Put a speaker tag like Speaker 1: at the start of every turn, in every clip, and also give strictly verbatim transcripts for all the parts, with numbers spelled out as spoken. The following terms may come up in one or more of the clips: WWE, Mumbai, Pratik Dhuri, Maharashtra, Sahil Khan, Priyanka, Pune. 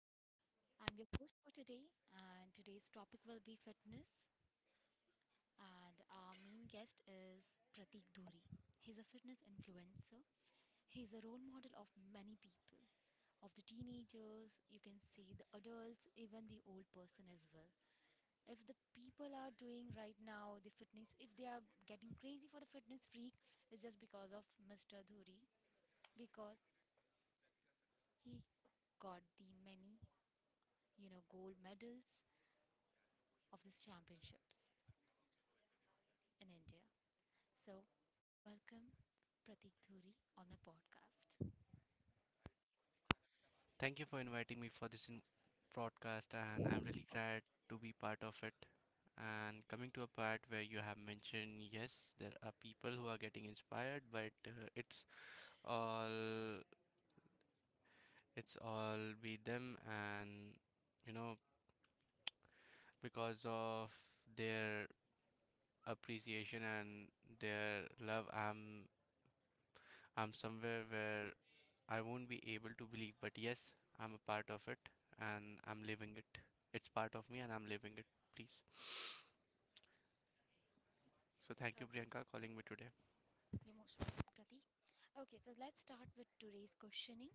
Speaker 1: So, I'm your host for today, and today's topic will be fitness. And our main guest is Pratik Dhuri. He's a fitness influencer. He's a role model of many people, of the teenagers, you can see the adults, even the old person as well. If the people are doing right now the fitness, if they are getting crazy for the fitness freak, it's just because of Mister Dhuri. because he got the many you know gold medals of these championships in India. So welcome Pratik Dhuri on my podcast.
Speaker 2: Thank you for inviting me for this in- broadcast, and I'm really glad to be part of it. And coming to a part where you have mentioned, yes, there are people who are getting inspired, but uh, it's all it's all be them, and you know because of their appreciation and their love, I'm I'm somewhere where I won't be able to believe, but yes, I'm a part of it and I'm living it. It's part of me and I'm living it. Please. So thank
Speaker 1: Okay,
Speaker 2: you, Priyanka, calling me today.
Speaker 1: you're most welcome, Pratik. Okay, so let's start with today's questioning.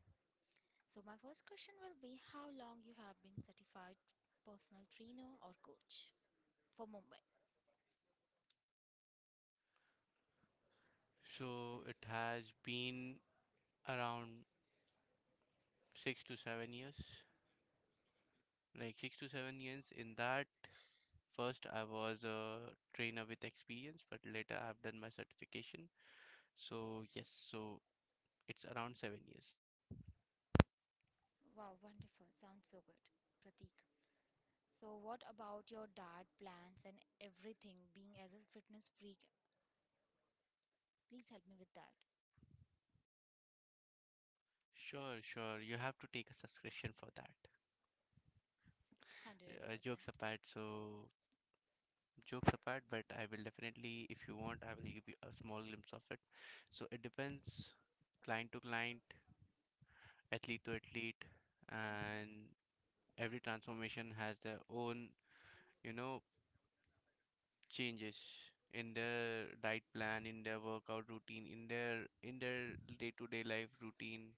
Speaker 1: So my first question will be how long you have been certified personal trainer or coach for Mumbai?
Speaker 2: So it has been around six to seven years. Like six to seven years in that. First, I was a trainer with experience, but later I've done my certification. So yes, so it's around seven years.
Speaker 1: Wow, wonderful. Sounds so good, Pratik. So, what about your diet plans and everything? Being as a fitness freak, please help me with that.
Speaker 2: Sure, sure. You have to take a subscription for that. Uh,
Speaker 1: one hundred percent.
Speaker 2: jokes apart, so jokes apart, but I will definitely, if you want, I will give you a small glimpse of it. So it depends client to client, athlete to athlete,
Speaker 1: Mhm.
Speaker 2: and every transformation has their own, you know, changes in their diet plan, in their workout routine, in their in their day-to-day life routine.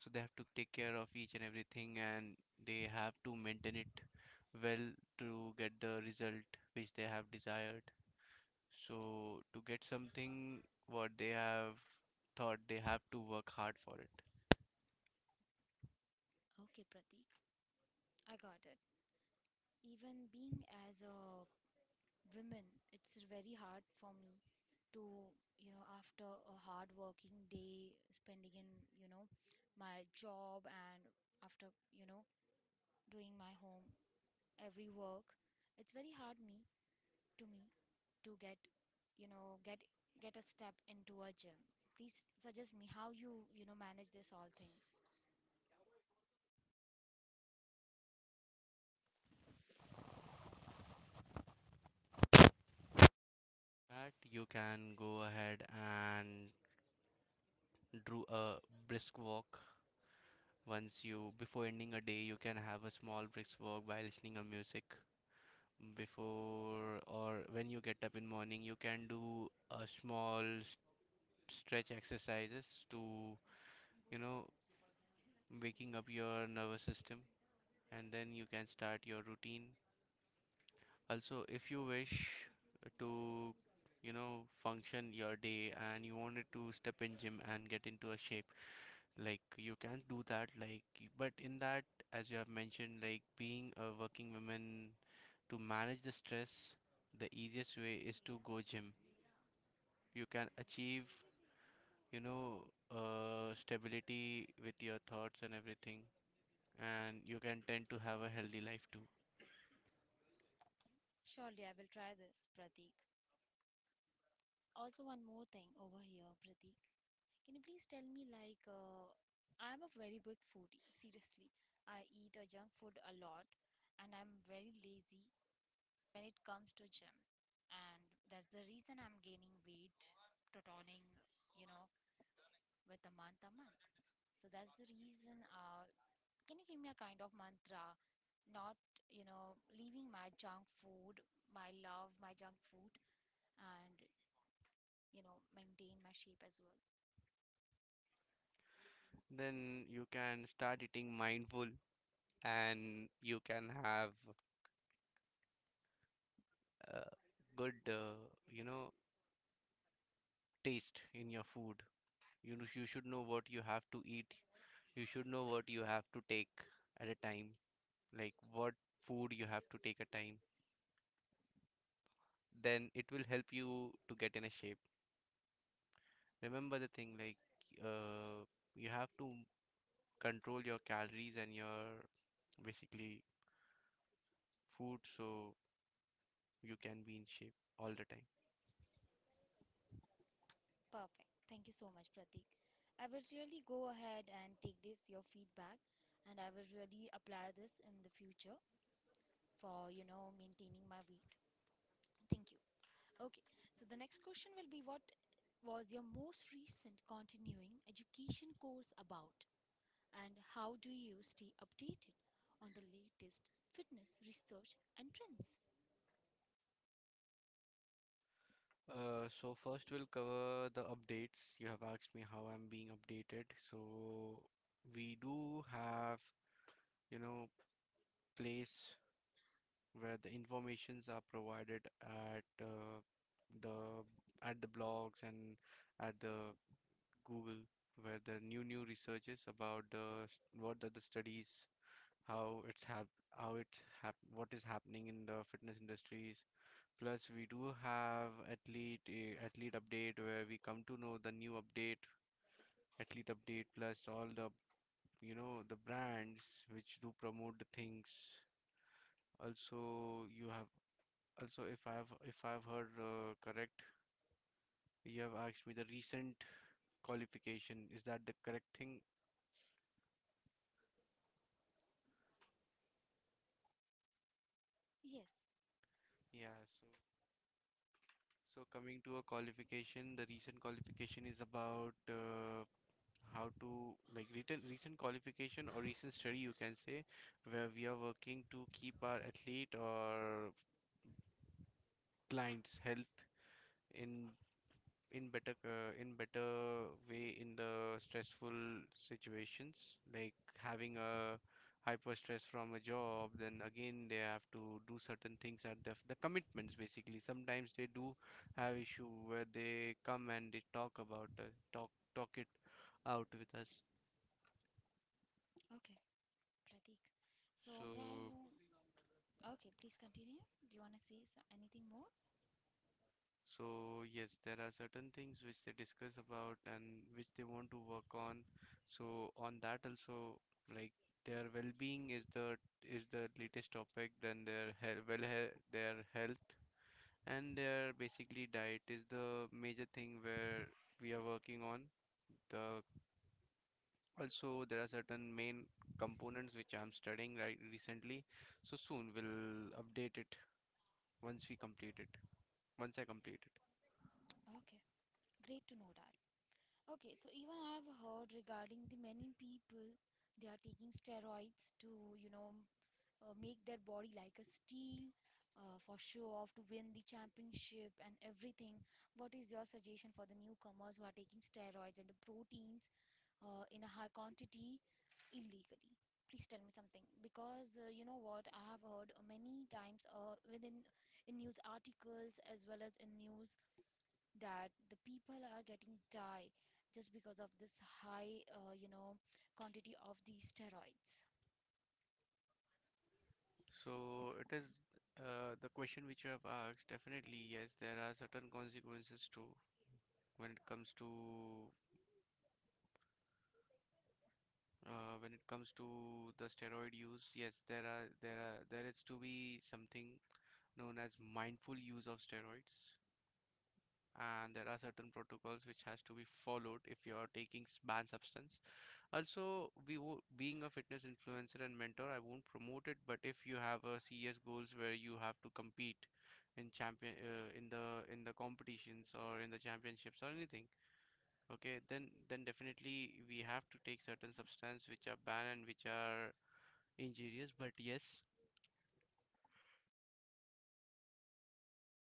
Speaker 2: So they have to take care of each and everything, and they have to maintain it well to get the result which they have desired. So to get something what they have thought, they have to work hard for it.
Speaker 1: Okay, Pratik, I got it. Even being as a women, it's very hard for me to, you know after a hard working day spending in, you know my job, and after you know doing my home every work, it's very hard me to me to get, you know get get a step into a gym. Please suggest me how you you know manage this all things.
Speaker 2: That you can go ahead and do a brisk walk. Once you before ending a day, you can have a small brisk walk by listening a music before, or when you get up in morning, you can do a small s- stretch exercises to, you know waking up your nervous system, and then you can start your routine. Also, if you wish to, you know, function your day and you wanted to step in gym and get into a shape, like you can do that. Like, y- but in that, as you have mentioned, like being a working woman, to manage the stress, the easiest way is to go gym. You can achieve, you know, uh, stability with your thoughts and everything, and you can tend to have a healthy life too.
Speaker 1: Surely I will try this, Pratik. Also, one more thing over here, Pratik, can you please tell me like, uh, I'm a very big foodie seriously, I eat a junk food a lot, and I'm very lazy when it comes to gym, and that's the reason I'm gaining weight, toning, you know with the month a month. So that's the reason. Uh, can you give me a kind of mantra? Not, you know, leaving my junk food, my love, my junk food, and, you know, maintain my shape as well.
Speaker 2: Then you can start eating mindful and you can have uh, good, uh, you know, taste in your food. You know, you should know what you have to eat. You should know what you have to take at a time, like what food you have to take at a time. Then it will help you to get in a shape. Remember the thing like, uh, you have to control your calories and your basically food so you can be in shape all the time.
Speaker 1: Perfect. Thank you so much, Pratik. I will really go ahead and take this, your feedback, and I will really apply this in the future for, you know, maintaining my weight. Thank you. Okay. So the next question will be what was your most recent continuing education course about? And how do you stay updated on the latest fitness research and trends?
Speaker 2: Uh, so first we'll cover the updates. You have asked me how I'm being updated. So we do have, you know, place where the informations are provided at uh, the at the blogs and at the Google where the new new researches about the s- what are the studies, how it's hap how it's hap what is happening in the fitness industries. Plus, we do have athlete uh, athlete update where we come to know the new update, athlete update plus all the you know the brands which do promote the things. Also, you have also if I have if I have heard uh, correct, you have asked me the recent qualification. Is that the correct thing?
Speaker 1: Yes.
Speaker 2: Yeah. So so coming to a qualification, the recent qualification is about, uh, how to like written recent qualification or recent study you can say, where we are working to keep our athlete or clients health in in better uh, in better way in the stressful situations, like having a hyper stress from a job, then again they have to do certain things at the, the commitments. Basically, sometimes they do have issue where they come and they talk about, uh, talk talk it out with us.
Speaker 1: Okay, Pratik.
Speaker 2: So
Speaker 1: So may I know? Okay, please continue. Do you want to say so- anything more?
Speaker 2: So yes, there are certain things which they discuss about and which they want to work on. So on that also, like their well-being is the is the latest topic. Then their health, well, he- their health and their basically diet is the major thing where we are working on. The Also, there are certain main components which I'm studying right recently. So soon we'll update it once we complete it. Once I complete it.
Speaker 1: Okay, great to know that. Okay, so even I have heard regarding the many people they are taking steroids to, you know uh, make their body like a steel, uh, for show off to win the championship and everything. What is your suggestion for the newcomers who are taking steroids and the proteins uh, in a high quantity illegally. Please tell me something because, uh, you know what I have heard uh, many times uh, within in news articles as well as in news that the people are getting die just because of this high, uh, you know quantity of these steroids.
Speaker 2: So it is, uh, the question which you have asked. Definitely, yes, there are certain consequences too when it comes to, uh, when it comes to the steroid use. Yes, there are there are there is to be something known as mindful use of steroids, and there are certain protocols which has to be followed if you are taking s- banned substance. Also, we wo- being a fitness influencer and mentor, I won't promote it, but if you have a C S goals where you have to compete in champion uh, in the in the competitions or in the championships or anything, okay, then then definitely we have to take certain substance which are banned and which are injurious. But yes,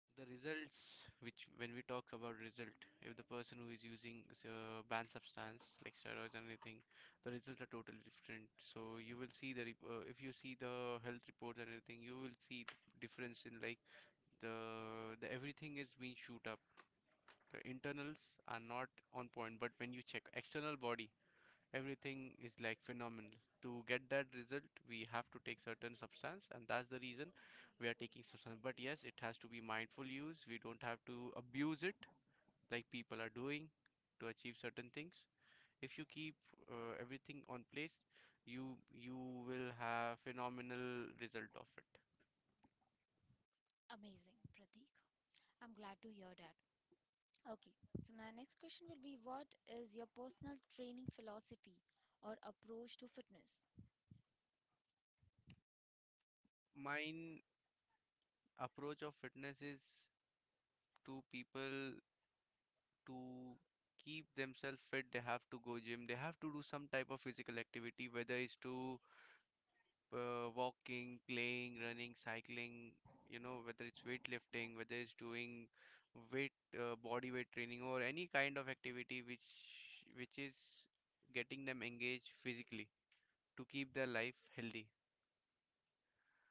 Speaker 2: the results, which when we talk about result, if the person who is using, uh, banned substance like steroids or anything, the results are totally different. So you will see the rep- uh, if you see the health reports or anything, you will see th- difference in, like, the the everything is being shoot up, the internals are not on point, but when you check external body, everything is like phenomenal. To get that result, we have to take certain substance, and that's the reason we are taking substance. But yes, it has to be mindful use. We don't have to abuse it like people are doing to achieve certain things. If you keep, uh, everything on place, you you will have phenomenal result of it.
Speaker 1: Amazing, Pratik. I'm glad to hear that. Okay, so my next question will be what is your personal training philosophy or approach to fitness?
Speaker 2: Mine approach of fitness is to people to keep themselves fit, they have to go gym, they have to do some type of physical activity, whether it's to, uh, walking, playing, running, cycling, you know, whether it's weightlifting, whether it's doing weight, uh, body weight training, or any kind of activity which which is getting them engaged physically to keep their life healthy.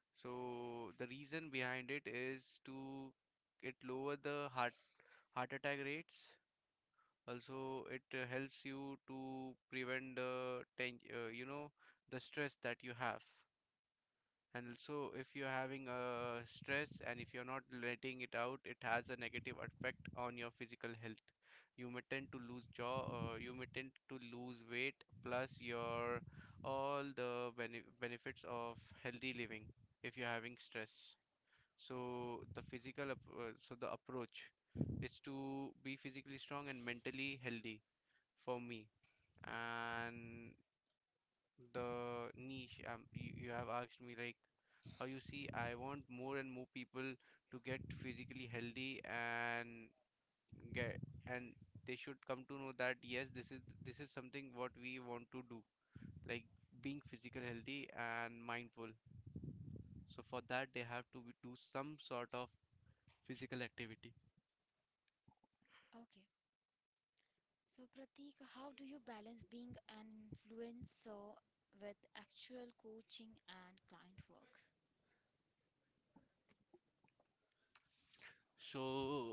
Speaker 2: So the reason behind it is to it lower the heart heart attack rates. Also, it uh, helps you to prevent the ten, uh, you know, the stress that you have. And also, if you're having a stress and if you're not letting it out, it has a negative effect on your physical health. You may tend to lose jaw, uh, you may tend to lose weight, plus your all the bene benefits of healthy living if you're having stress. So the physical, ap- uh, so the approach is to be physically strong and mentally healthy for me. And the niche. Um, you, you have asked me like how you see. I want more and more people to get physically healthy and get and they should come to know that yes, this is this is something what we want to do, like being physical healthy and mindful. So for that, they have to be- do some sort of physical activity.
Speaker 1: Okay. So, Pratik, how do you balance being an influencer with actual coaching and client work?
Speaker 2: So,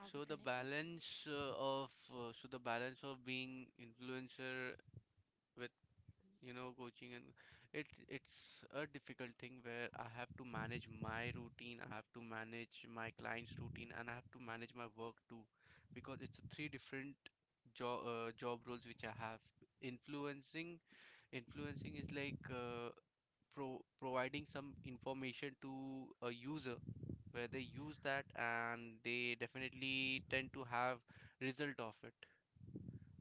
Speaker 1: Are
Speaker 2: so
Speaker 1: we
Speaker 2: the
Speaker 1: connected?
Speaker 2: balance uh, of uh, so the balance of being influencer with, you know, coaching and it's it's a difficult thing where I have to manage my routine, I have to manage my client's routine, and I have to manage my work too, because it's three different job uh, job roles which I have. Influencing Influencing is like, uh, pro providing some information to a user where they use that and they definitely tend to have result of it.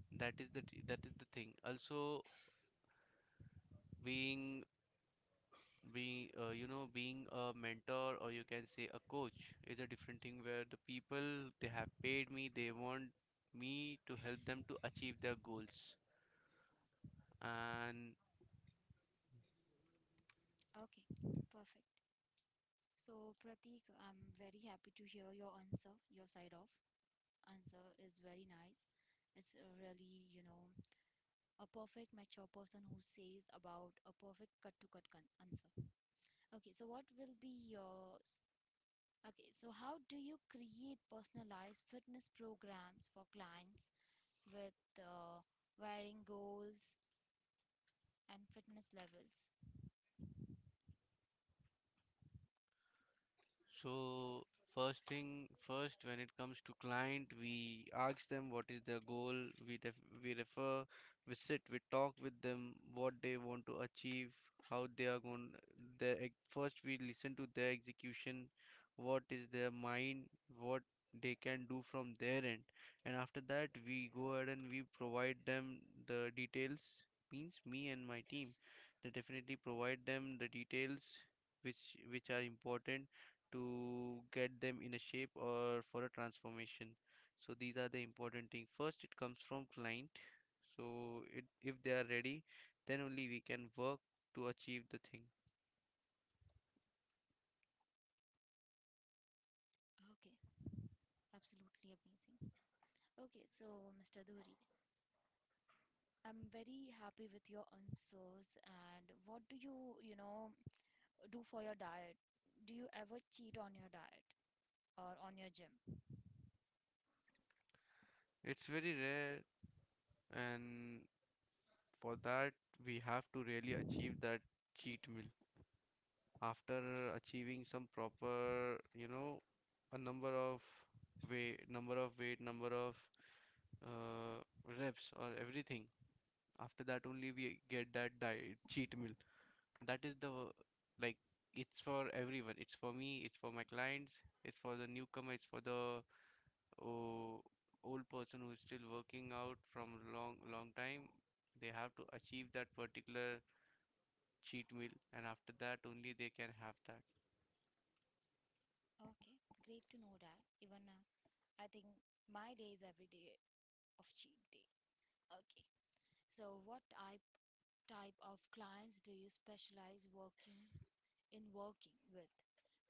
Speaker 2: That is the t- that is the thing. Also, being being, uh, you know being a mentor or you can say a coach is a different thing where the people they have paid me they want me to help them to achieve their goals and
Speaker 1: Okay, perfect. So, Pratik, I'm very happy to hear your answer. Your side of answer is very nice. It's a really, you know, a perfect mature person who says about a perfect cut to cut con- answer. Okay, so what will be your. Okay, so how do you create personalized fitness programs for clients with, uh, varying goals and fitness levels?
Speaker 2: so first thing first, when it comes to client, we ask them what is their goal. We def we refer, we sit, we talk with them what they want to achieve, how they are going. Their ex- first, we listen to their execution, what is their mind, what they can do from their end, and after that we go ahead and we provide them the details. Means me and my team, they definitely provide them the details which which are important to get them in a shape or for a transformation. So these are the important thing. First it comes from client, so it, if they are ready, then only we can work to achieve the thing.
Speaker 1: Okay, absolutely amazing. Okay, so Mister Dhuri, I'm very happy with your answers. And what do you, you know, do for your diet? Do you ever cheat on your diet or on your gym?
Speaker 2: It's very rare, and for that, we have to really achieve that cheat meal. After achieving some proper, you know, a number of weight, number of weight, number of, uh, reps, or everything. After that, only we get that diet cheat meal. That is the, like, it's for everyone, it's for me, it's for my clients, it's for the newcomer, it's for the oh, old person who is still working out from long long time. They have to achieve that particular cheat meal, and after that only they can have that.
Speaker 1: Okay, great to know that. Even, uh, I think my day is every day of cheat day. Okay. So, what I type of clients do you specialize working in working with?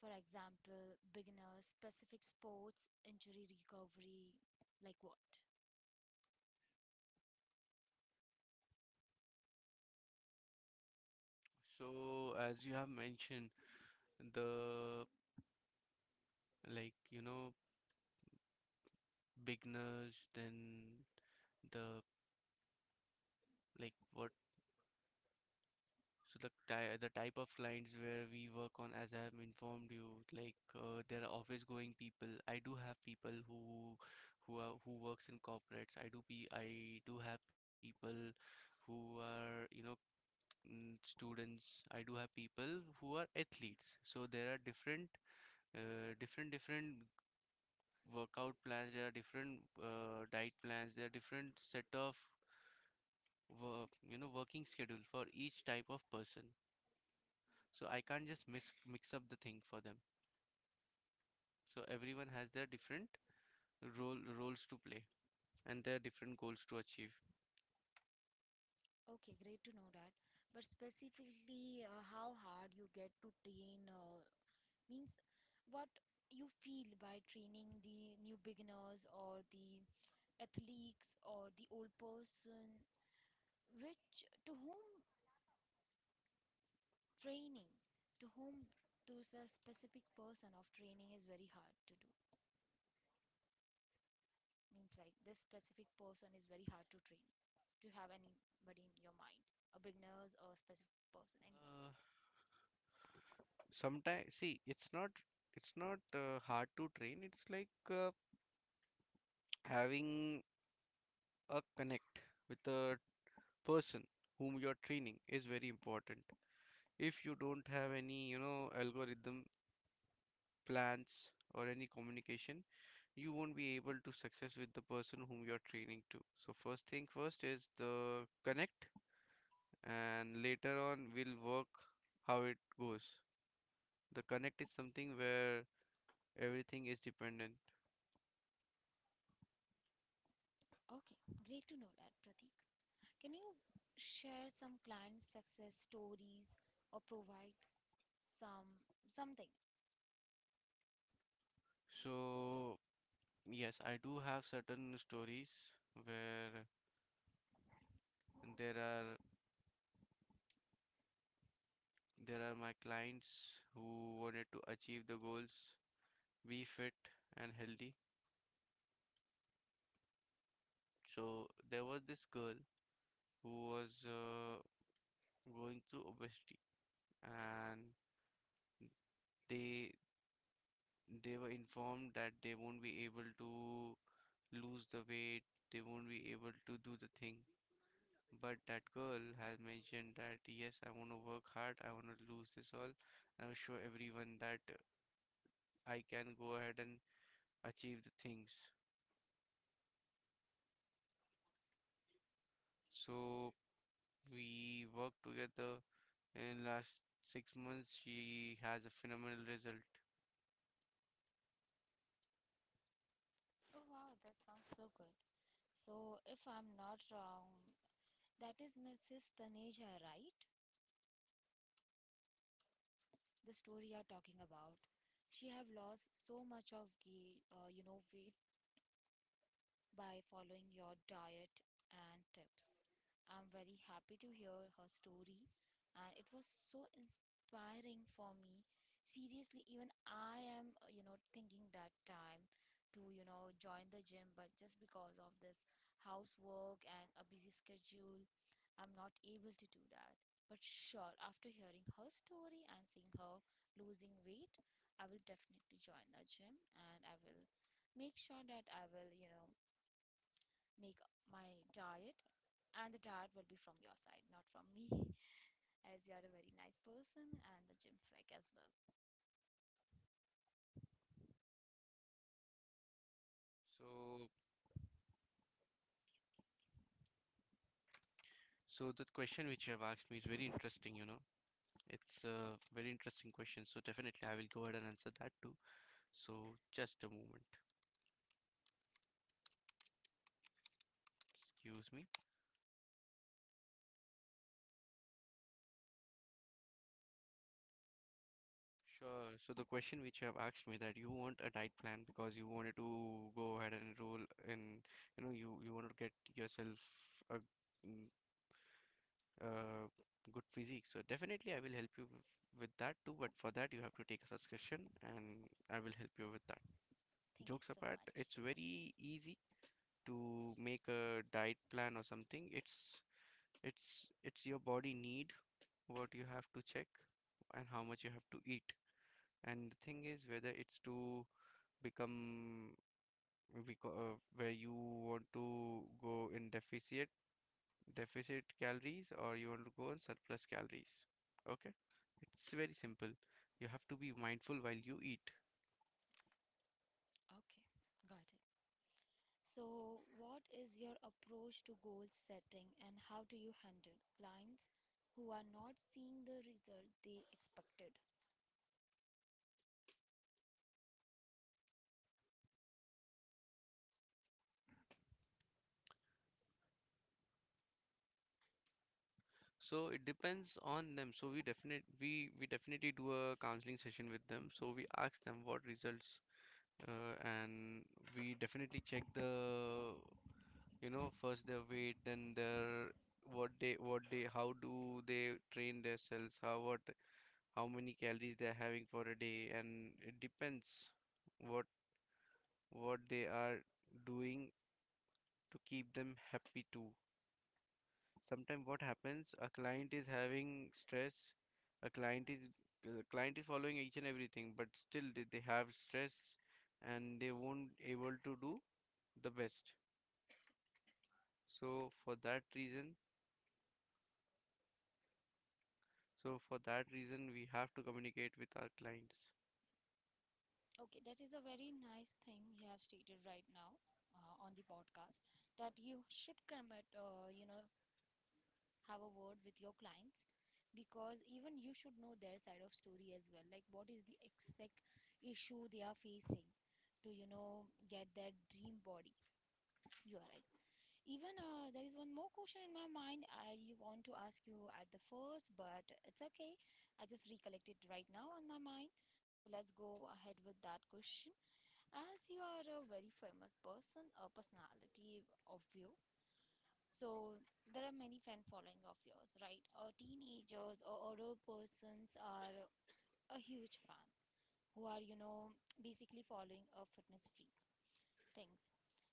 Speaker 1: For example, beginners, specific sports, injury recovery, like what?
Speaker 2: So as you have mentioned, the like, you know, beginners, then the like what. So the ty the type of clients where we work on, as I have informed you, like, uh, there are office-going people. I do have people who who are, who works in corporates. I do be I do have people who are, you know, mm, students. I do have people who are athletes. So there are different uh, different different workout plans. There are different uh, diet plans. There are different set of work, you know, working schedule for each type of person. So I can't just mix mix up the thing for them. So everyone has their different role roles to play, and their different goals to achieve.
Speaker 1: Okay, great to know that. But specifically, uh, how hard you get to train, uh, means what you feel by training the new beginners or the athletes or the old person, which to whom training to whom to a specific person of training is very hard to do, means like this specific person is very hard to train. To have anybody in your mind, a beginners or a specific person, anyone?
Speaker 2: uh, Sometimes, see, it's not, it's not uh, hard to train. It's like, uh, having a connect with the person whom you're training is very important. If you don't have any, you know, algorithm, plans, or any communication, you won't be able to success with the person whom you're training to. So first thing first is the connect, and later on we'll work how it goes. The connect is something where everything is dependent.
Speaker 1: Okay, great to know that, Pratik. Can you share some client success stories or provide some something?
Speaker 2: So yes, I do have certain stories where there are, there are my clients who wanted to achieve the goals, be fit and healthy. So there was this girl who was, uh, going through obesity, and they they were informed that they won't be able to lose the weight, they won't be able to do the thing. But that girl has mentioned that yes, I want to work hard, I want to lose this all, and I'll show everyone that I can go ahead and achieve the things. So we worked together in last six months. She has a phenomenal result.
Speaker 1: Oh wow, that sounds so good. So if I'm not wrong, that is Mrs. Taneja, right? The story you are talking about, she have lost so much of ga- uh, you know weight by following your diet and tips. I'm very happy to hear her story, and it was so inspiring for me. Seriously, even I am, uh, you know, thinking that time to, you know, join the gym, but just because of this housework and a busy schedule, I'm not able to do that. But sure, after hearing her story and seeing her losing weight, I will definitely join the gym and I will make sure that I will, you know, make my diet, and the diet will be from your side, not from me. As you are a very nice person and the gym freak as well.
Speaker 2: So so the question which you have asked me is very interesting, you know. It's a very interesting question, so definitely I will go ahead and answer that too. So just a moment. Excuse me. Sure. So the question which you have asked me, that you want a diet plan because you wanted to go ahead and roll in, you know, you you want to get yourself a, mm, uh good physique. So definitely I will help you w- with that too. But for that you have to take a subscription, and I will help you with that.
Speaker 1: Thank you
Speaker 2: Jokes
Speaker 1: so
Speaker 2: apart,
Speaker 1: much.
Speaker 2: it's very easy to make a diet plan or something. It's it's it's your body need, what you have to check and how much you have to eat. And the thing is whether it's to become, because, uh, where you want to go in deficit deficit calories or you want to go on surplus calories. Okay, it's very simple. You have to be mindful while you eat.
Speaker 1: Okay, got it. So what is your approach to goal setting, and how do you handle clients who are not seeing the result they expected?
Speaker 2: So it depends on them. So we definite we we definitely do a counseling session with them. So we ask them what results, uh, and we definitely check the, you know, first their weight, then their what they what they, how do they train their cells, how what how many calories they are having for a day, and it depends what what they are doing to keep them happy too. Sometimes what happens, a client is having stress, a client is a client is following each and everything, but still they, they have stress and they won't able to do the best. So for that reason, so for that reason we have to communicate with our clients.
Speaker 1: Okay, that is a very nice thing you have stated right now, uh, on the podcast, that you should commit, uh, you know have a word with your clients, because even you should know their side of story as well, like what is the exact issue they are facing to, you know get that dream body. You are right. Even, uh, there is one more question in my mind. I want to ask you at the first, but it's okay, I just recollected right now on my mind. So let's go ahead with that question. As you are a very famous person, a personality of you, so there are many fan following of yours, right? Or teenagers or adult persons are a huge fan, who are, you know, basically following a fitness freak things.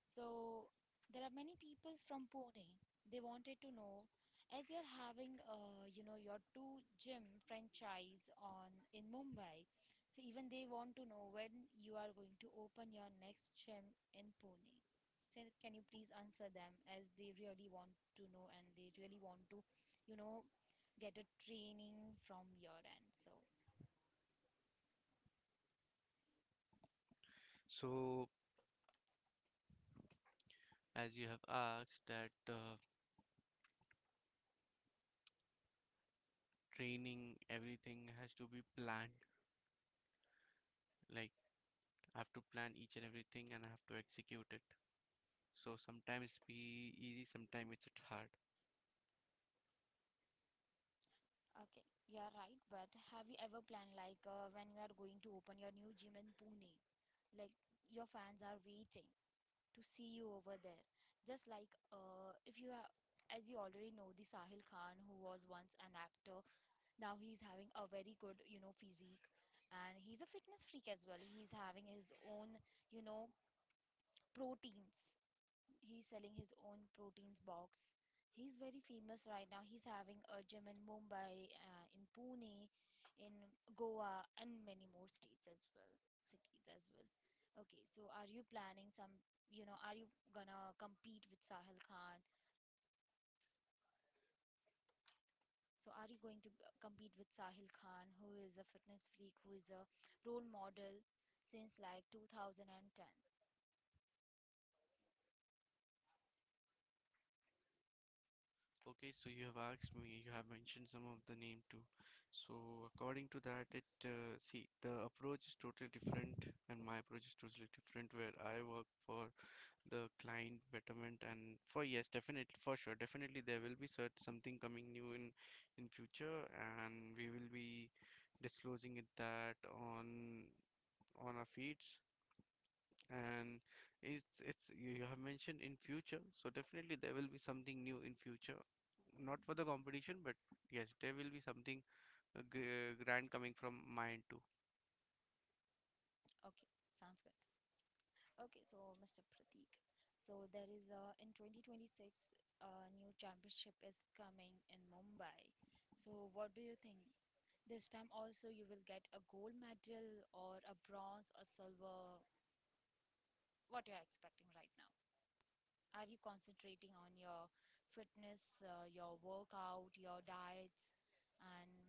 Speaker 1: So there are many people from Pune. They wanted to know, as you're having, uh, you know your two gym franchise on in Mumbai. So even they want to know when you are going to open your next gym in Pune. So can you please answer them, as they really want to know and they really want to, you know get a training from your end. So.
Speaker 2: So, as you have asked that, uh, training, everything has to be planned. Like, I have to plan each and everything and I have to execute it. So sometimes it's be easy, sometimes it's hard.
Speaker 1: Okay, you are right, but have you ever planned like, uh, when you are going to open your new gym in Pune? Like your fans are waiting to see you over there. Just like, uh, if you have, as you already know, the Sahil Khan, who was once an actor, now he's having a very good, you know, physique, and he's a fitness freak as well. He's having his own, you know, proteins. He's selling his own proteins box. He's very famous right now. He's having a gym in Mumbai, uh, in Pune, in Goa, and many more states as well, cities as well. Okay, so are you planning some, you know, are you gonna compete with Sahil Khan? So are you going to, uh, compete with Sahil Khan, who is a fitness freak, who is a role model since like two thousand ten?
Speaker 2: Okay, so you have asked me, you have mentioned some of the name too. So according to that, it uh, see, the approach is totally different, and my approach is totally different. Where I work for the client betterment, and for yes, definitely for sure, definitely there will be cert something coming new in in future, and we will be disclosing it that on on our feeds. And it's it's, you you have mentioned in future, so definitely there will be something new in future, not for the competition, but yes, there will be something, uh, gr- uh, grand coming from my end too.
Speaker 1: Okay, sounds good. Okay, so Mister Pratik, so there is, uh, in twenty twenty-six a new championship is coming in Mumbai. So what do you think? This time also you will get a gold medal or a bronze or silver. What you are expecting right now? Are you concentrating on your fitness, uh, your workout, your diets, and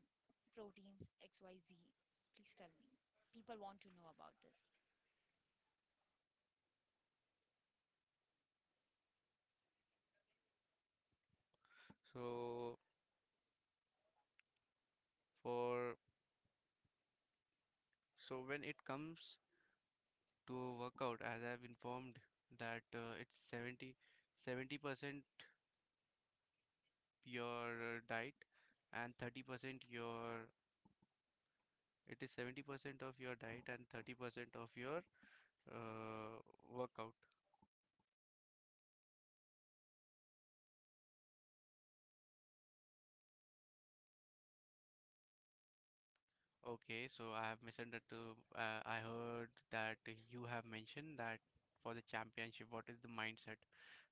Speaker 1: proteins X Y Z? Please tell me. People want to know about this.
Speaker 2: So for, so when it comes to workout, as I've informed, that, uh, it's seventy seventy percent your, uh, diet and thirty percent your, it is seventy percent of your diet and thirty percent of your uh, workout. Okay, so I have misunderstood. Uh, I heard that you have mentioned that for the championship, what is the mindset?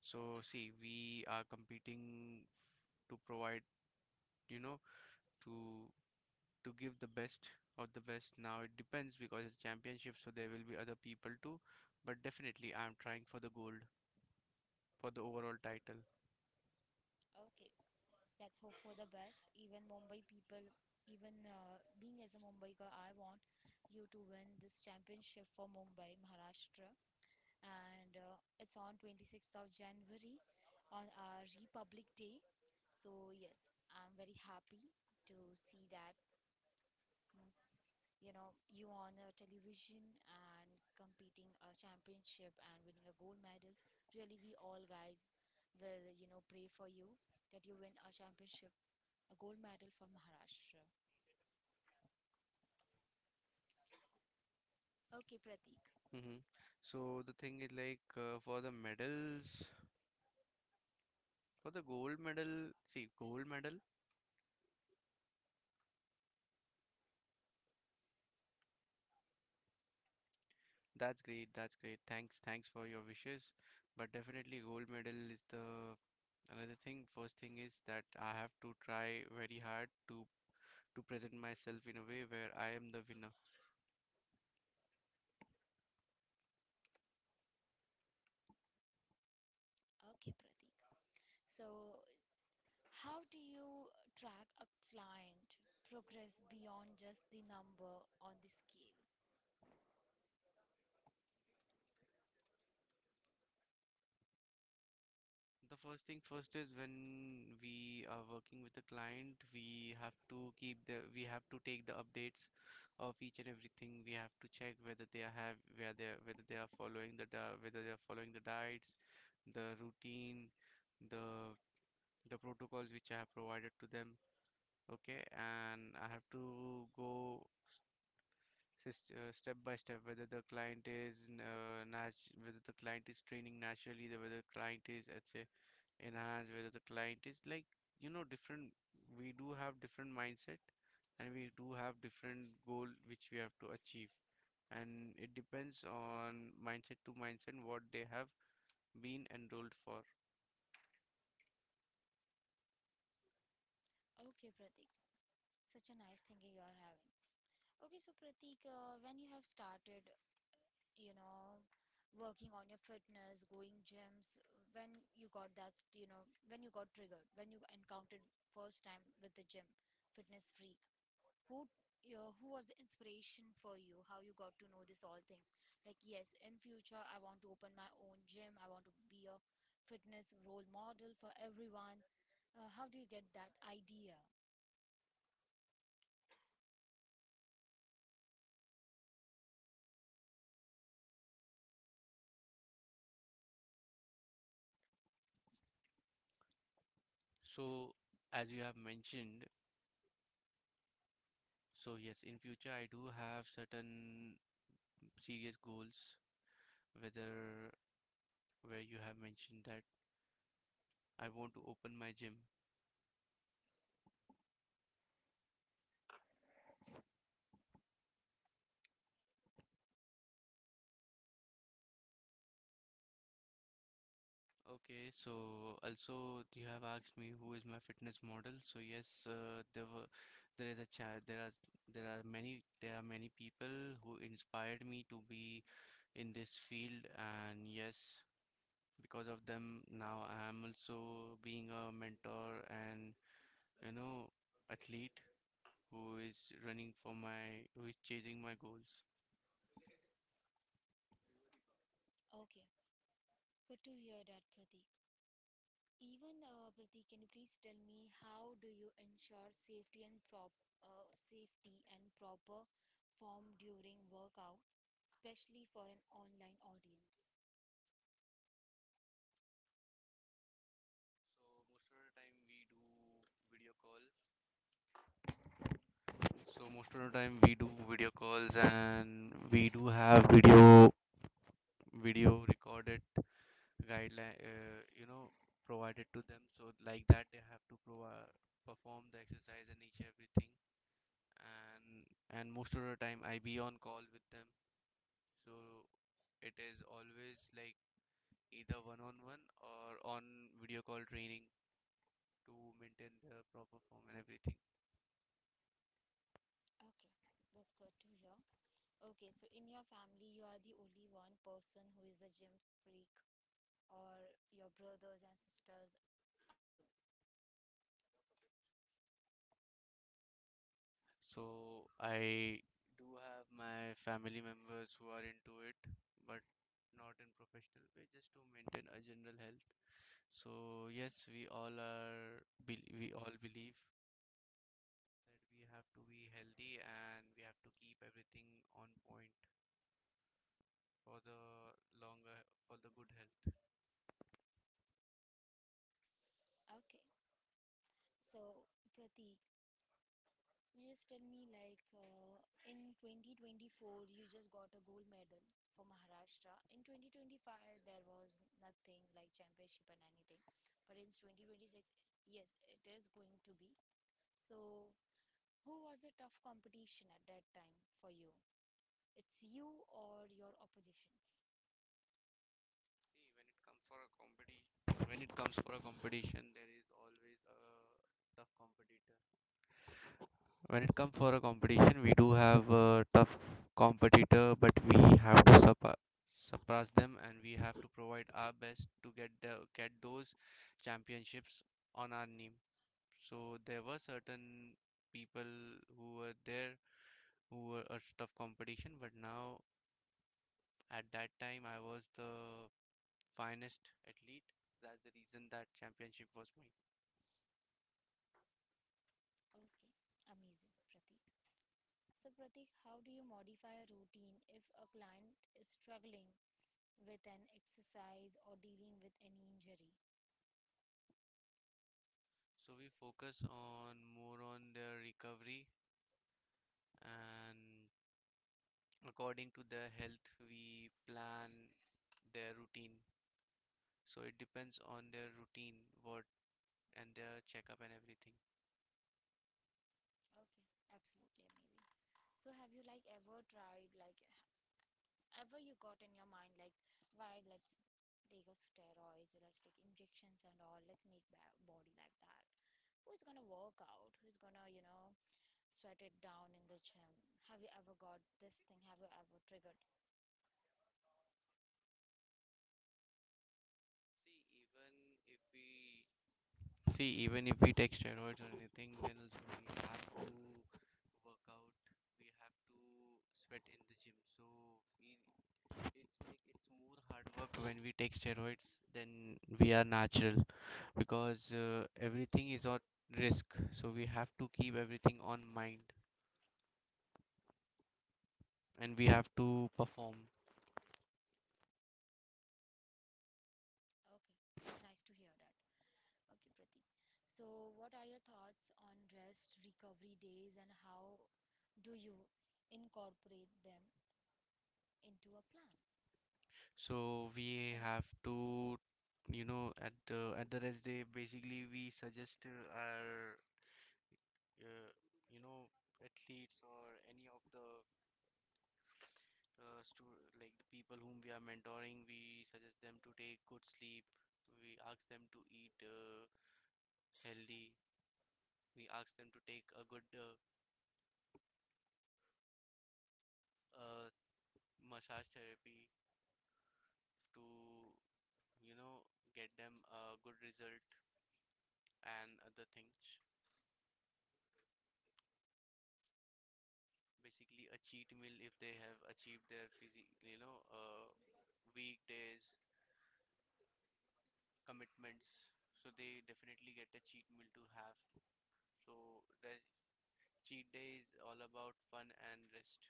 Speaker 2: So, see, we are competing to provide, you know, to to give the best of the best. Now it depends, because it's championship, so there will be other people too. But definitely, I'm trying for the gold, for the overall title.
Speaker 1: Okay. Let's hope for the best. Even Mumbai people, even, uh, being as a Mumbai girl, I want you to win this championship for Mumbai, Maharashtra. And, uh, it's on twenty-sixth of January on our Republic Day. So, yes, I'm very happy to see that. Means, you know, you on a television and competing a championship and winning a gold medal. Really, we all guys will, you know, pray for you that you win a championship, a gold medal for Maharashtra. Okay, Pratik.
Speaker 2: Hmm. So the thing is like, uh, for the medals, for the gold medal, see, gold medal. That's great. That's great. Thanks. Thanks for your wishes. But definitely gold medal is the another thing. First thing is that I have to try very hard to to present myself in a way where I am the winner.
Speaker 1: Okay, Pratik. So, how do you track a client progress beyond just the number on the scale?
Speaker 2: The first thing first is when we are working with a client, we have to keep the we have to take the updates of each and everything. We have to check whether they are have where they are, whether they are following the di- whether they are following the diets, the routine, the the protocols which I have provided to them. Okay, and I have to go, uh, step by step, whether the client is, uh, nat- whether the client is training naturally, the- whether the client is, let's say, enhanced, whether the client is like, you know, different. We do have different mindset, and we do have different goal which we have to achieve, and it depends on mindset to mindset what they have been enrolled for.
Speaker 1: Okay, Pratik. Such a nice thing you are having. Okay, so Pratik, uh, when you have started, you know, working on your fitness, going gyms, when you got that, you know, when you got triggered, when you encountered first time with the gym, fitness freak, who uh, who was the inspiration for you, how you got to know this all things, like, yes, in future I want to open my own gym, I want to be a fitness role model for everyone. Uh, how do you get that idea?
Speaker 2: So as you have mentioned, so yes, in future I do have certain serious goals, whether, where you have mentioned that I want to open my gym. Okay, so also you have asked me who is my fitness model. So yes, uh, there were, there is a cha there are there are many there are many people who inspired me to be in this field, and yes, because of them now I am also being a mentor and, you know, athlete who is, running for my, who is chasing my goals.
Speaker 1: Okay, good to hear that, Pratik. Even uh, Pratik, can you please tell me how do you ensure safety and prop uh, safety and proper form during workout, especially for an online audience?
Speaker 2: So most of the time we do video call. So most of the time we do video calls, and we do have video video recorded guideline, uh, you know, provided to them. So like that they have to provide perform the exercise and each everything, and and most of the time I be on call with them. So it is always like, either one on one, or on video call training, to maintain their proper form and everything.
Speaker 1: Okay, that's good to hear. Okay, so in your family, you are the only one person who is a gym freak, or your brothers and sisters are too.
Speaker 2: So I do have my family members who are into it, but not in professional way, just to maintain a general health. So yes, we all are, bel we all believe that we have to be healthy and we have to keep everything on point for the longer for the good health.
Speaker 1: Okay, so Pratik, just tell me, like, uh, in twenty twenty-four, you just got a gold medal for Maharashtra. In twenty twenty-five, there was nothing like championship and anything, but in twenty twenty-six, yes, it is going to be. So, who was the tough competition at that time for you? It's you or your oppositions?
Speaker 2: See, when it comes for a competition, when it comes for a competition, there is always a tough competitor. When it comes for a competition, we do have a tough competitor, but we have to surpa- surpass them, and we have to provide our best to get the, get those championships on our name. So there were certain people who were there, who were a tough competition, but now, at that time I was the finest athlete. That's the reason that championship was mine.
Speaker 1: Okay, amazing, Pratik. So, Pratik, how do you modify a routine if a client is struggling with an exercise or dealing with any injury?
Speaker 2: So we focus on more on their recovery, and according to their health we plan their routine. So it depends on their routine, what, and their checkup and everything.
Speaker 1: Okay, absolutely amazing. So, have you, like, ever tried, like, ever you got in your mind, like, why, let's take a steroids, let's take injections and all, let's make ba- body like that. Who's gonna work out? Who's gonna, you know, sweat it down in the gym? Have you ever got this thing? Have you ever triggered?
Speaker 2: See, even if we see, even if we take steroids or anything, then also we have to work out, we have to sweat in the gym. So we it's like, it's more hard work when we take steroids than we are natural, because, uh, everything is on risk. So we have to keep everything on mind, and we have to perform.
Speaker 1: Okay, nice to hear that. Okay, Pratik. So, what are your thoughts on rest recovery days and how do you incorporate them into a plan?
Speaker 2: So we
Speaker 1: And
Speaker 2: have to, you know, at the, at the rest day, basically we suggest, uh, our, uh, you know, athletes, or any of the, uh, stu like the people whom we are mentoring, we suggest them to take good sleep. We ask them to eat, uh, healthy. We ask them to take a good, uh, uh, massage therapy to, you know, get them a good result and other things. Basically a cheat meal if they have achieved their physique, you know, uh, weekdays commitments. So they definitely get a cheat meal to have. So rest, cheat day is all about fun and rest.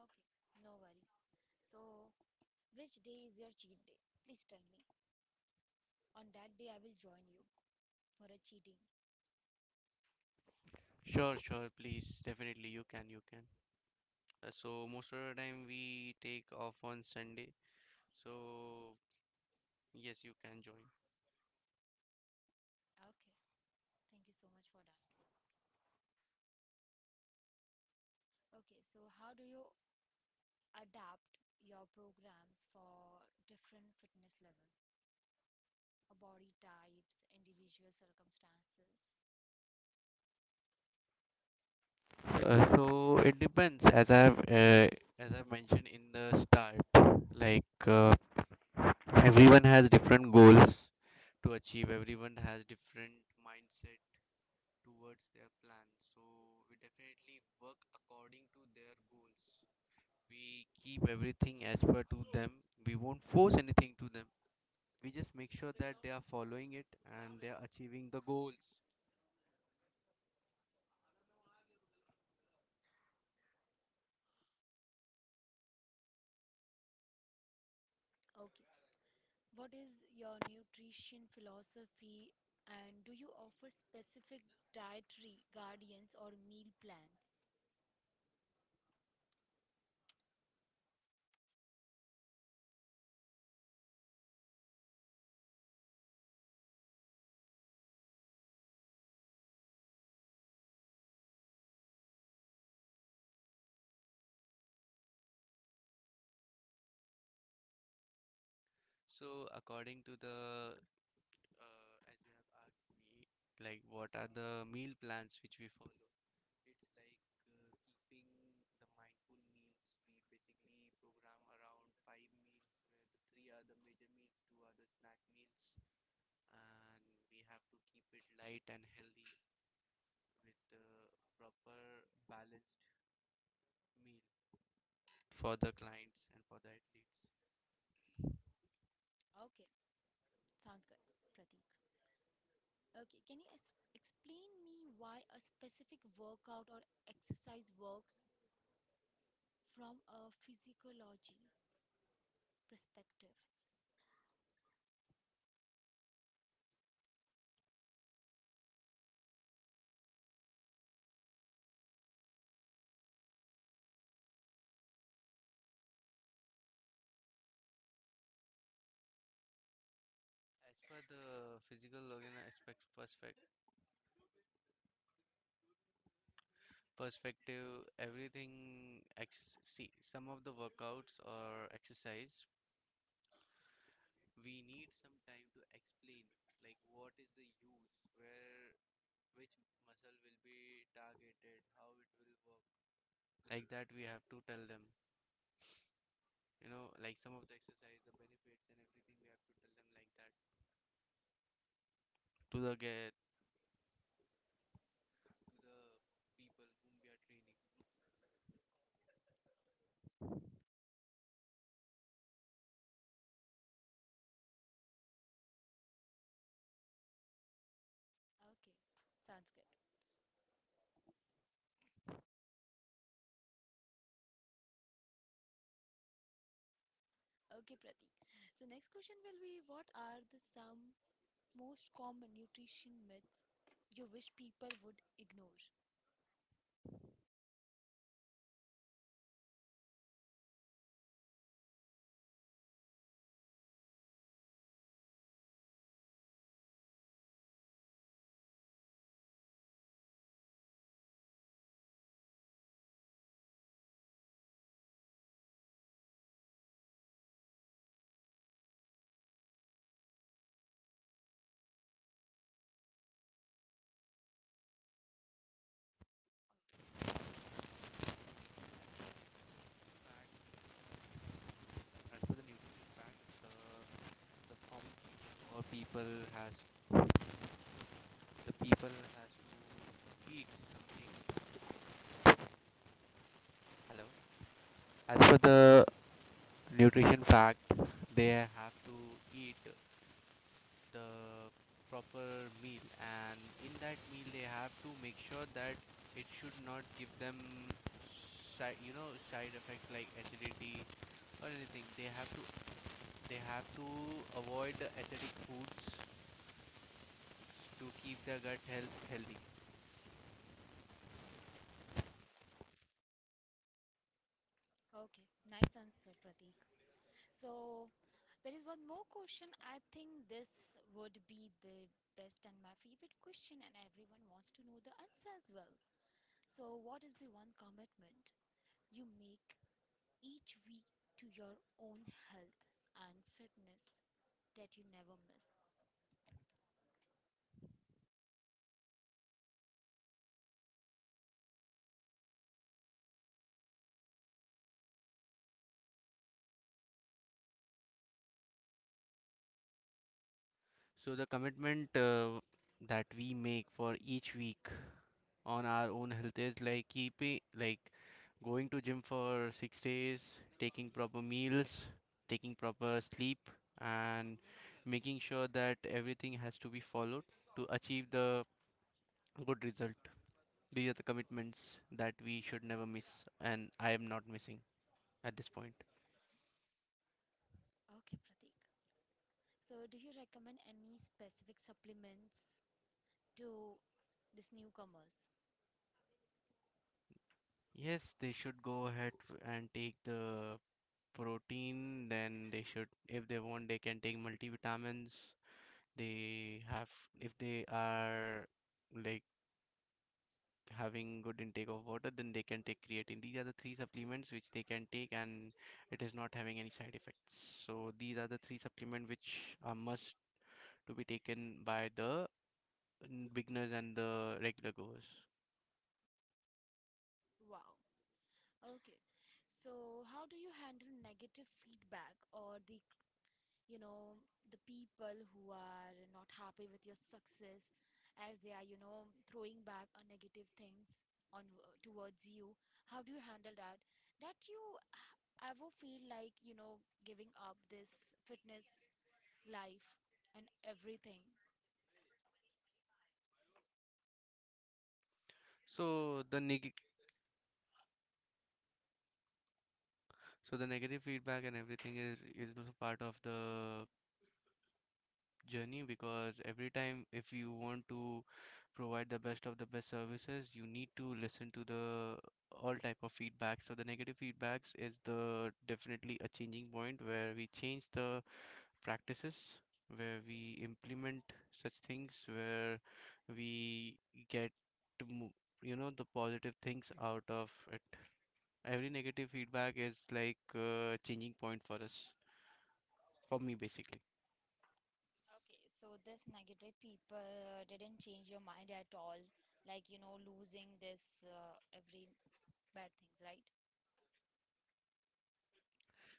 Speaker 1: okay, no worries. So, which day is your cheat day? Please tell me. On that day, I will join you for a cheating.
Speaker 2: Sure, sure, please, definitely you can, you can. Uh, so most of the time we take off on Sunday. So yes, you can join.
Speaker 1: Okay, thank you so much for that. Okay, so how do you adapt your programs for different fitness levels, body types, individual circumstances?
Speaker 2: Uh, so it depends, as I've uh, as I mentioned in the start, like uh, everyone has different goals to achieve. Everyone has different mindset towards their plans. So we definitely work according to their goals. We keep everything as per to them. We won't force anything to them. We just make sure that they are following it and they are achieving the goals.
Speaker 1: What is your nutrition philosophy, and do you offer specific dietary guardians or meal plans?
Speaker 2: So according to the uh, as you have asked me, like what are the meal plans which we follow? It's like uh, keeping the mindful meals. We basically program around five meals, where the three are the major meals, two are the snack meals, and we have to keep it light and healthy with the proper balanced meal for the clients and for the athletes.
Speaker 1: Okay, sounds good, Pratik. Okay, can you es- explain me why a specific workout or exercise works from a physiology perspective?
Speaker 2: As per the physical organ aspect perspective, perspective, everything. Ex- see, some of the workouts or exercise, we need some time to explain, like what is the use, where, which muscle will be targeted, how it will work. Like that, we have to tell them. You know, like some of the exercise, the benefits and everything, we have to tell them like that to the get to the people whom we are training.
Speaker 1: Okay, sounds good. Okay, Pratik. So next question will be, what are the some most common nutrition myths you wish people would ignore?
Speaker 2: In fact, uh, as for the nutrition fact, the the common people or people has the people has to eat something. Hello. As for the nutrition fact, they have to eat the proper meal, and in that meal they have to make sure that it should not give them side, you know, side effects like acidity or anything. They have to they have to avoid the acidic foods to keep their gut health healthy.
Speaker 1: Okay, nice answer, Pratik. So, there is one more question. I think this would be the best and my favorite question, and everyone wants to know the answer as well. So, what is the one commitment you make each week to your own health and fitness that you never miss?
Speaker 2: So the commitment uh, that we make for each week on our own health is like keeping like going to gym for six days, taking proper meals, taking proper sleep, and making sure that everything has to be followed to achieve the good result. These are the commitments that we should never miss, and I am not missing at this point.
Speaker 1: Okay, Pratik. So, do you recommend any specific supplements to these newcomers?
Speaker 2: Yes, they should go ahead f- and take the protein. Then they should, if they want, they can take multivitamins. They have, if they are like having good intake of water, then they can take creatine. These are the three supplements which they can take, and it is not having any side effects. So these are the three supplements which are must to be taken by the mm, beginners and the regular goers.
Speaker 1: Wow. Okay. So how do you handle negative feedback or the, you know, the people who are not happy with your success, as they are, you know, throwing back on negative things on uh, towards you? How do you handle that? That you h- ever feel like, you know, giving up this fitness life and everything?
Speaker 2: so the neg- so the negative feedback and everything is is also part of the journey, because every time if you want to provide the best of the best services, you need to listen to the all type of feedback. So the negative feedbacks is the definitely a changing point where we change the practices, where we implement such things where we get to mo- you know, the positive things out of it. Every negative feedback is like a changing point for us, for me basically.
Speaker 1: Okay, so this negative people didn't change your mind at all, like, you know, losing this uh, every bad things, right?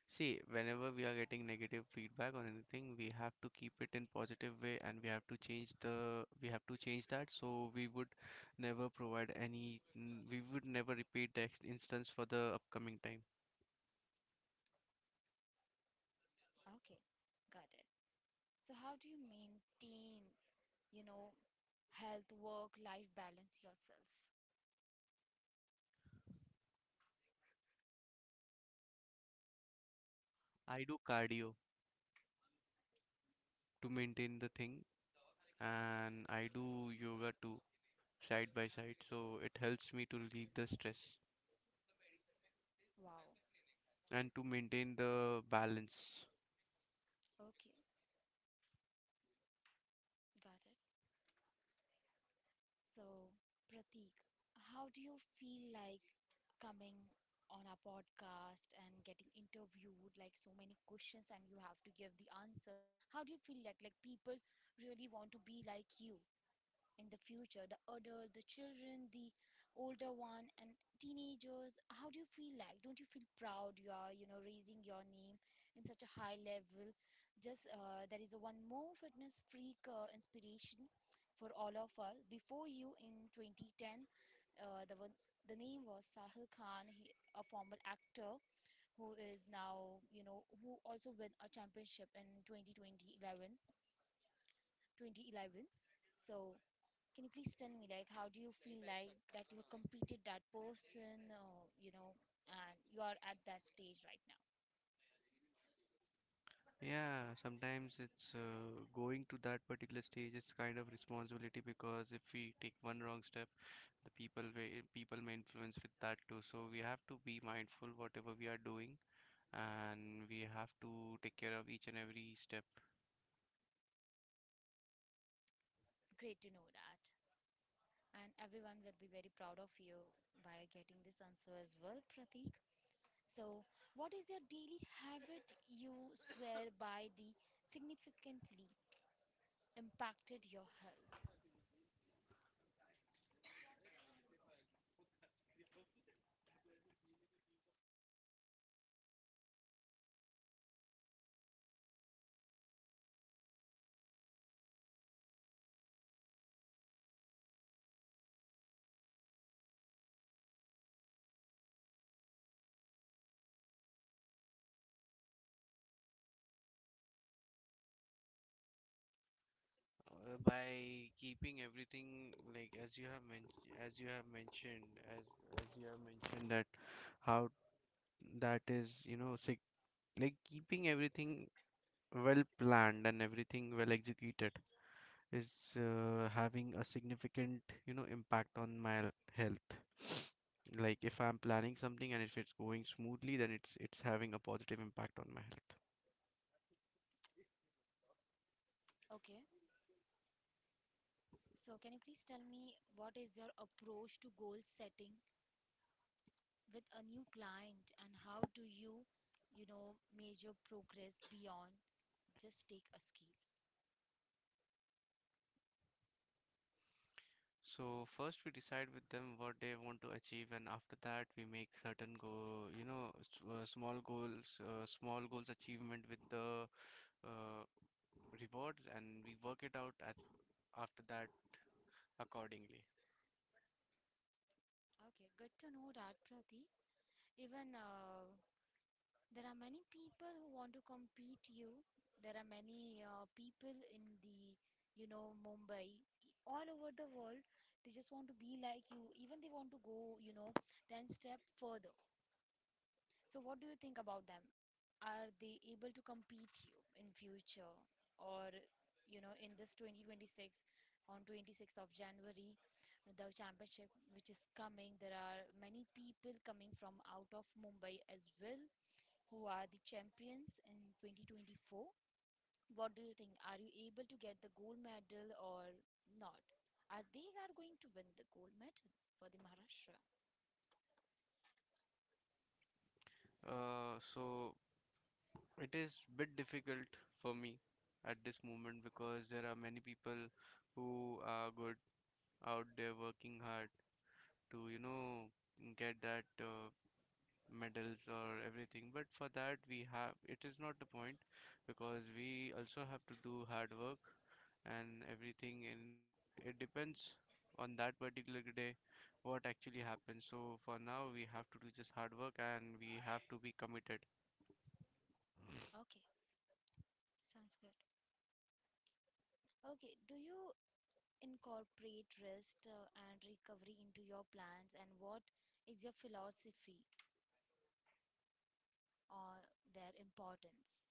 Speaker 2: See, whenever we are getting negative feedback on anything, we have to keep it in positive way and we have to change the we have to change that. So we would never provide any n- we would never repeat the ex- instance for the upcoming time.
Speaker 1: Okay, got it. So how do you maintain, you know, health, work, life balance yourself?
Speaker 2: I do cardio to maintain the thing, and I do yoga too side by side. So it helps me to relieve the stress
Speaker 1: Wow.
Speaker 2: and to maintain the balance.
Speaker 1: Okay, got it. So, Pratik, how do you feel like coming on our podcast and getting interviewed like so many questions and you have to give the answers? How do you feel like like people really want to be like you in the future, the adult, the children, the older one, and teenagers? How do you feel? Like, don't you feel proud you are, you know, raising your name in such a high level? Just uh, there is a one more fitness freak uh, inspiration for all of us before you in twenty ten. Uh, the one, the name was Sahil Khan, he, a former actor who is now, you know, who also won a championship in twenty twenty-eleven. twenty eleven. So can you please tell me, like, how do you feel like that you have completed that person, or, you know, and you are at that stage right now?
Speaker 2: Yeah, sometimes it's uh, going to that particular stage. It's kind of responsibility, because if we take one wrong step, the people may, people may influence with that too. So we have to be mindful whatever we are doing, and we have to take care of each and every step.
Speaker 1: Great to know that, and everyone will be very proud of you by getting this answer as well, Pratik. So, what is your daily habit you swear by the significantly impacted your health?
Speaker 2: Uh, by keeping everything like as you have mentioned, as you have mentioned, as as you have mentioned, that how that is, you know, sig like keeping everything well planned and everything well executed is uh, having a significant, you know, impact on my l- health. Like if I'm planning something and if it's going smoothly, then it's it's having a positive impact on my health.
Speaker 1: Okay, so can you please tell me, what is your approach to goal setting with a new client, and how do you, you know, measure progress beyond just take a skill?
Speaker 2: So first we decide with them what they want to achieve, and after that we make certain go, you know, s- uh, small goals, uh, small goals achievement with the uh, rewards, and we work it out at after that accordingly.
Speaker 1: Okay, good to know that, Prati. Even uh, there are many people who want to compete you. There are many uh, people in the, you know, Mumbai, e- all over the world. They just want to be like you. Even they want to go, you know, ten step further. So what do you think about them? Are they able to compete you in future, or, you know, in this twenty twenty-six, on twenty-sixth of January, the championship which is coming, there are many people coming from out of Mumbai as well who are the champions in twenty twenty-four. What do you think? Are you able to get the gold medal or not? Are they are going to win the gold medal for the Maharashtra?
Speaker 2: Uh, so it is bit difficult for me at this moment, because there are many people who are good out there working hard to, you know, get that uh, medals or everything. But for that, we have it is not the point, because we also have to do hard work and everything, and it depends on that particular day what actually happens. So for now, we have to do just hard work and we have to be committed.
Speaker 1: Okay. Sounds good. Okay, do you incorporate rest uh, and recovery into your plans, and what is your philosophy on their importance?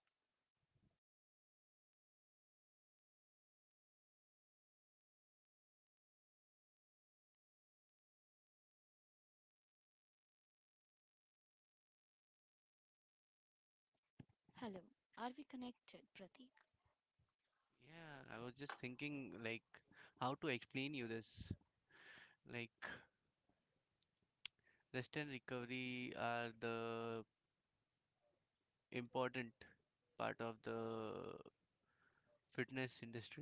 Speaker 1: Hello, are we connected, Pratik?
Speaker 2: Yeah, I was just thinking like how to explain you this. Like rest and recovery are the important part of the fitness industry.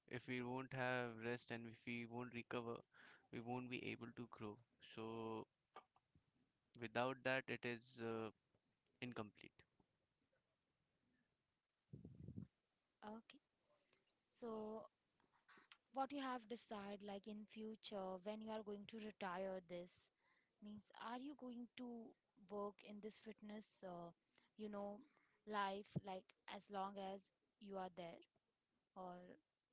Speaker 2: If we won't have rest and if we won't recover, we won't be able to grow. So without that, it is uh, incomplete.
Speaker 1: Okay, so what you have decided, like, in future, when you are going to retire, this means, are you going to work in this fitness uh, you know, life, like, as long as you are there, or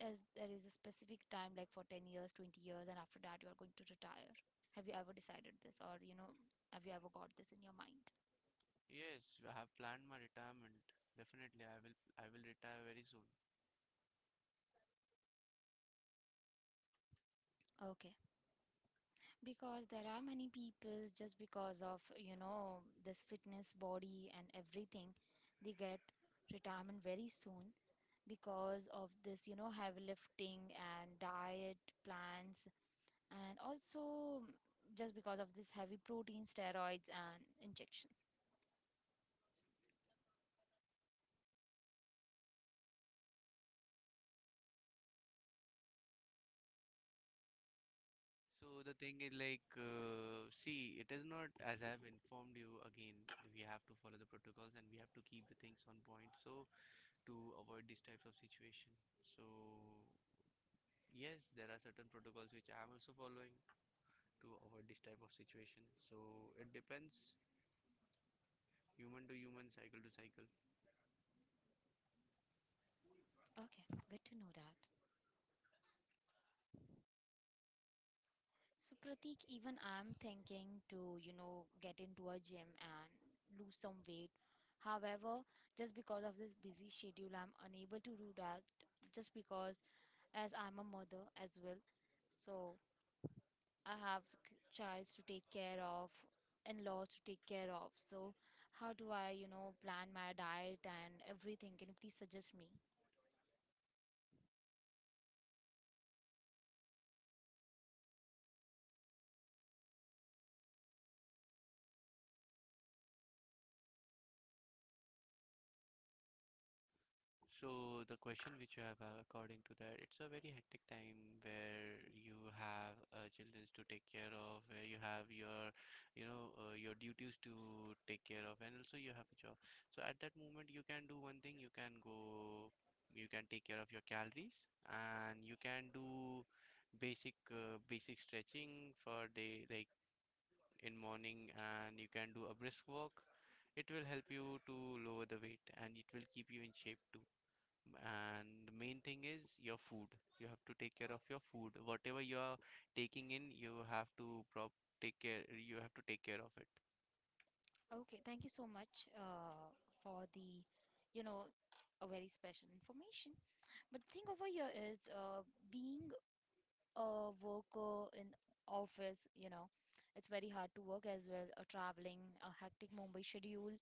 Speaker 1: as there is a specific time, like, for ten years, twenty years, and after that you are going to retire? Have you ever decided this, or, you know, have you ever got this in your mind?
Speaker 2: Yes, I have planned my retirement. Definitely, I will I will retire very soon.
Speaker 1: Okay, because there are many people, just because of, you know, this fitness body and everything, they get retirement very soon, because of this, you know, heavy lifting and diet plans, and also mm, just because of this heavy protein steroids and injections.
Speaker 2: So the thing is like, uh, see, it is not. As I've informed you again, we have to follow the protocols and we have to keep the things on point so to avoid these types of situation. So yes, there are certain protocols which I'm also following to avoid this type of situation. So it depends human to human, cycle to cycle.
Speaker 1: Okay, good to know that. So Pratik, even I'm thinking to, you know, get into a gym and lose some weight. However, just because of this busy schedule, I'm unable to do that, just because as I'm a mother as well. So I have c- childs to take care of, in-laws to take care of. So how do I, you know, plan my diet and everything? Can you please suggest me?
Speaker 2: So the question which you have, uh, according to that, it's a very hectic time where you have uh, children to take care of, where you have your, you know, uh, your duties to take care of, and also you have a job. So at that moment, you can do one thing. You can go, you can take care of your calories, and you can do basic uh, basic stretching for day like in morning, and you can do a brisk walk. It will help you to lower the weight, and it will keep you in shape too. And the main thing is your food. You have to take care of your food. Whatever you are taking in, you have to prop take care. You have to take care of it.
Speaker 1: Okay, thank you so much uh, for the, you know, a very special information. But the thing over here is, uh, being a worker in office, you know, it's very hard to work as well, uh, traveling, a hectic Mumbai schedule.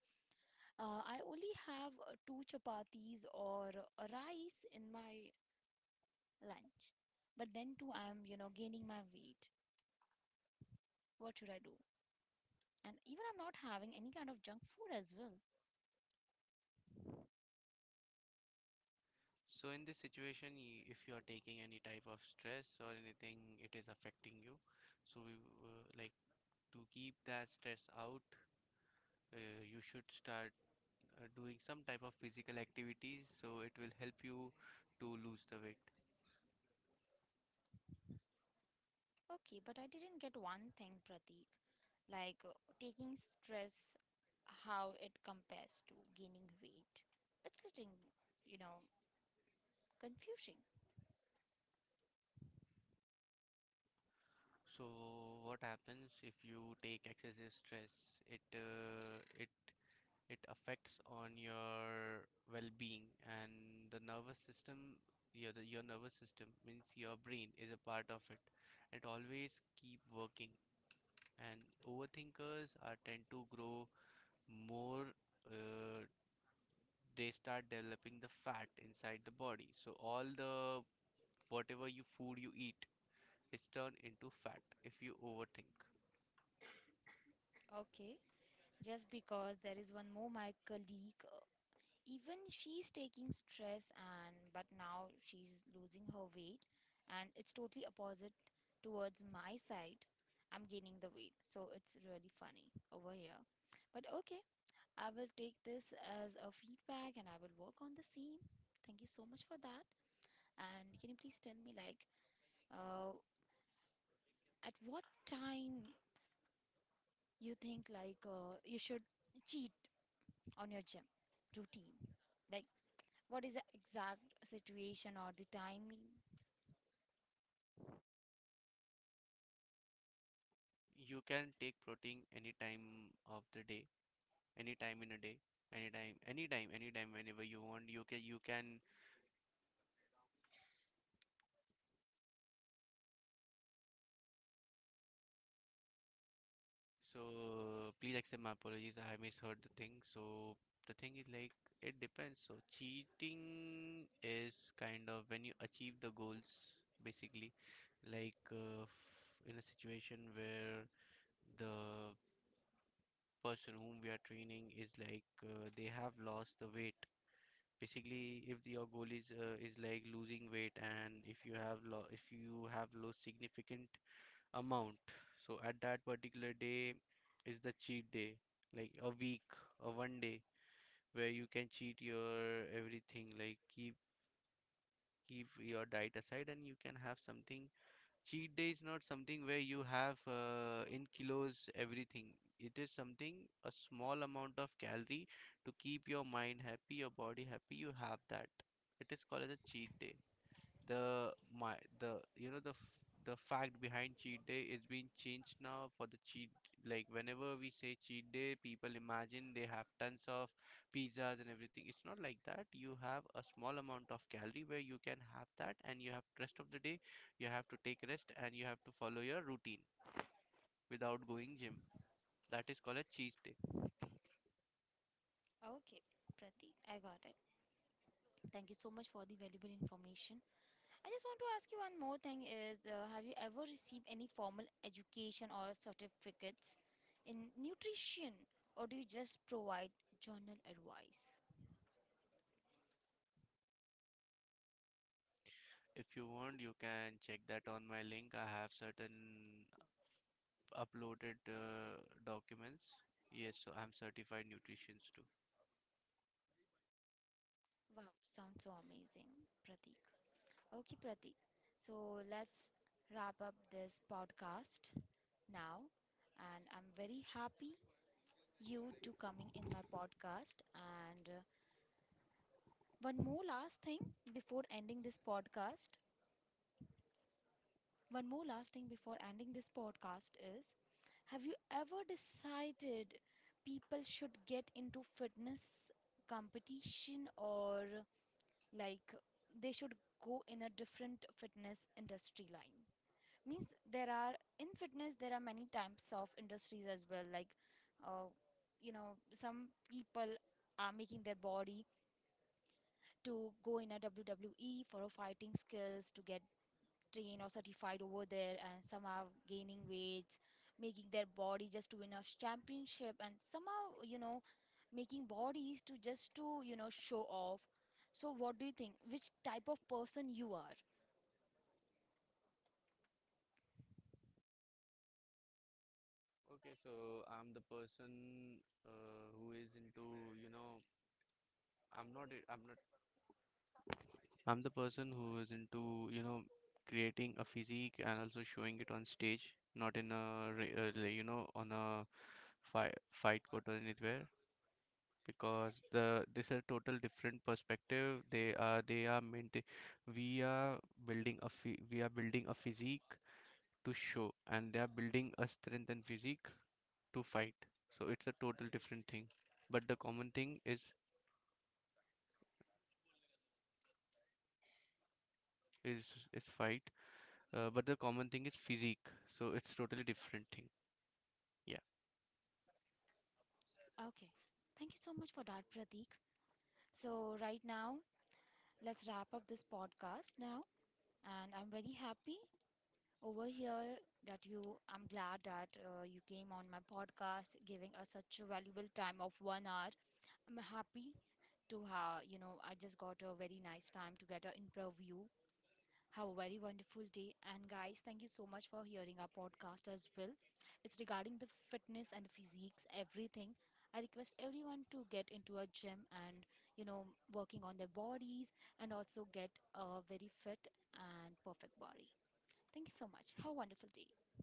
Speaker 1: Uh, I only have uh, two chapatis or a rice in my lunch. But then too, I'm, you know, gaining my weight. What should I do? And even I'm not having any kind of junk food as well.
Speaker 2: So in this situation, y- if you are taking any type of stress or anything, it is affecting you. So we w- uh, like to keep that stress out. Uh, you should start uh, doing some type of physical activities. So it will help you to lose the weight.
Speaker 1: Okay, but I didn't get one thing, Pratik. Like, uh, taking stress, how it compares to gaining weight. It's getting, you know, confusing.
Speaker 2: So what happens if you take excessive stress? It uh, it it affects on your well-being and the nervous system. Your the, your nervous system means your brain is a part of it. It always keep working, and overthinkers are tend to grow more. uh, they start developing the fat inside the body. So all the whatever you food you eat is turned into fat if you overthink.
Speaker 1: Okay, just because there is one more my colleague, uh, even she's taking stress and but now she's losing her weight, and it's totally opposite towards my side. I'm gaining the weight. So it's really funny over here. But okay, I will take this as a feedback and I will work on the same. Thank you so much for that. And can you please tell me, like, uh, at what time you think, like, uh, you should cheat on your gym routine? Like, what is the exact situation or the timing?
Speaker 2: You can take protein any time of the day, anytime in a day, anytime, anytime, anytime. Whenever you want, you can, you can. So please accept my apologies, I misheard the thing. So the thing is like, it depends. So cheating is kind of when you achieve the goals basically. Like uh, f- in a situation where the person whom we are training is like, uh, they have lost the weight. Basically, if the- your goal is uh, is like losing weight, and if you have lo- if you have lost significant amount. So at that particular day is the cheat day, like a week or one day where you can cheat your everything, like keep keep your diet aside and you can have something. Cheat day is not something where you have uh, in kilos everything. It is something a small amount of calorie to keep your mind happy, your body happy. You have that. It is called as a cheat day. The my the, you know, the f- the fact behind cheat day is being changed now. For the cheat, like whenever we say cheat day, people imagine they have tons of pizzas and everything. It's not like that. You have a small amount of calorie where you can have that, and you have rest of the day. You have to take rest and you have to follow your routine without going gym. That is called a cheat day.
Speaker 1: Okay, Pratik, I got it. Thank you so much for the valuable information. I just want to ask you one more thing is, uh, have you ever received any formal education or certificates in nutrition, or do you just provide journal advice?
Speaker 2: If you want, you can check that on my link. I have certain uploaded uh, documents. Yes, so I'm certified nutritionist too.
Speaker 1: Wow, sounds so amazing, Pratik. Okay, Pratik. So let's wrap up this podcast now. And I'm very happy you two coming in my podcast. And uh, one more last thing before ending this podcast. One more last thing before ending this podcast is Have you ever decided people should get into fitness competition, or, like, they should go in a different fitness industry line? Means there are, in fitness there are many types of industries as well, like, uh, you know, some people are making their body to go in a W W E for a fighting skills to get trained or certified over there, and some are gaining weights, making their body just to win a championship, and somehow, you know, making bodies to just to, you know, show off. So what do you think, which type of person you are?
Speaker 2: Okay, so I'm the person uh, who is into, you know, I'm not, a- I'm not, I'm the person who is into, you know, creating a physique and also showing it on stage, not in a, re- uh, like, you know, on a fight fight court or anywhere, because the this is a total different perspective. They are, they are maintain, we are building a, phy- we are building a physique to show, and they are building a strength and physique to fight. So it's a total different thing. But the common thing is is is fight. Uh, but the common thing is physique. So it's totally different thing. Yeah.
Speaker 1: Okay, thank you so much for that, Pratik. So right now, let's wrap up this podcast now. And I'm very happy over here that you I'm glad that uh, you came on my podcast, giving us such a valuable time of one hour. I'm happy to, how, you know, I just got a very nice time to get an interview. Have a very wonderful day, and guys, thank you so much for hearing our podcast as well. It's regarding the fitness and the physiques, everything. I request everyone to get into a gym and, you know, working on their bodies, and also get a very fit and perfect body. Thank you so much. Have a wonderful day.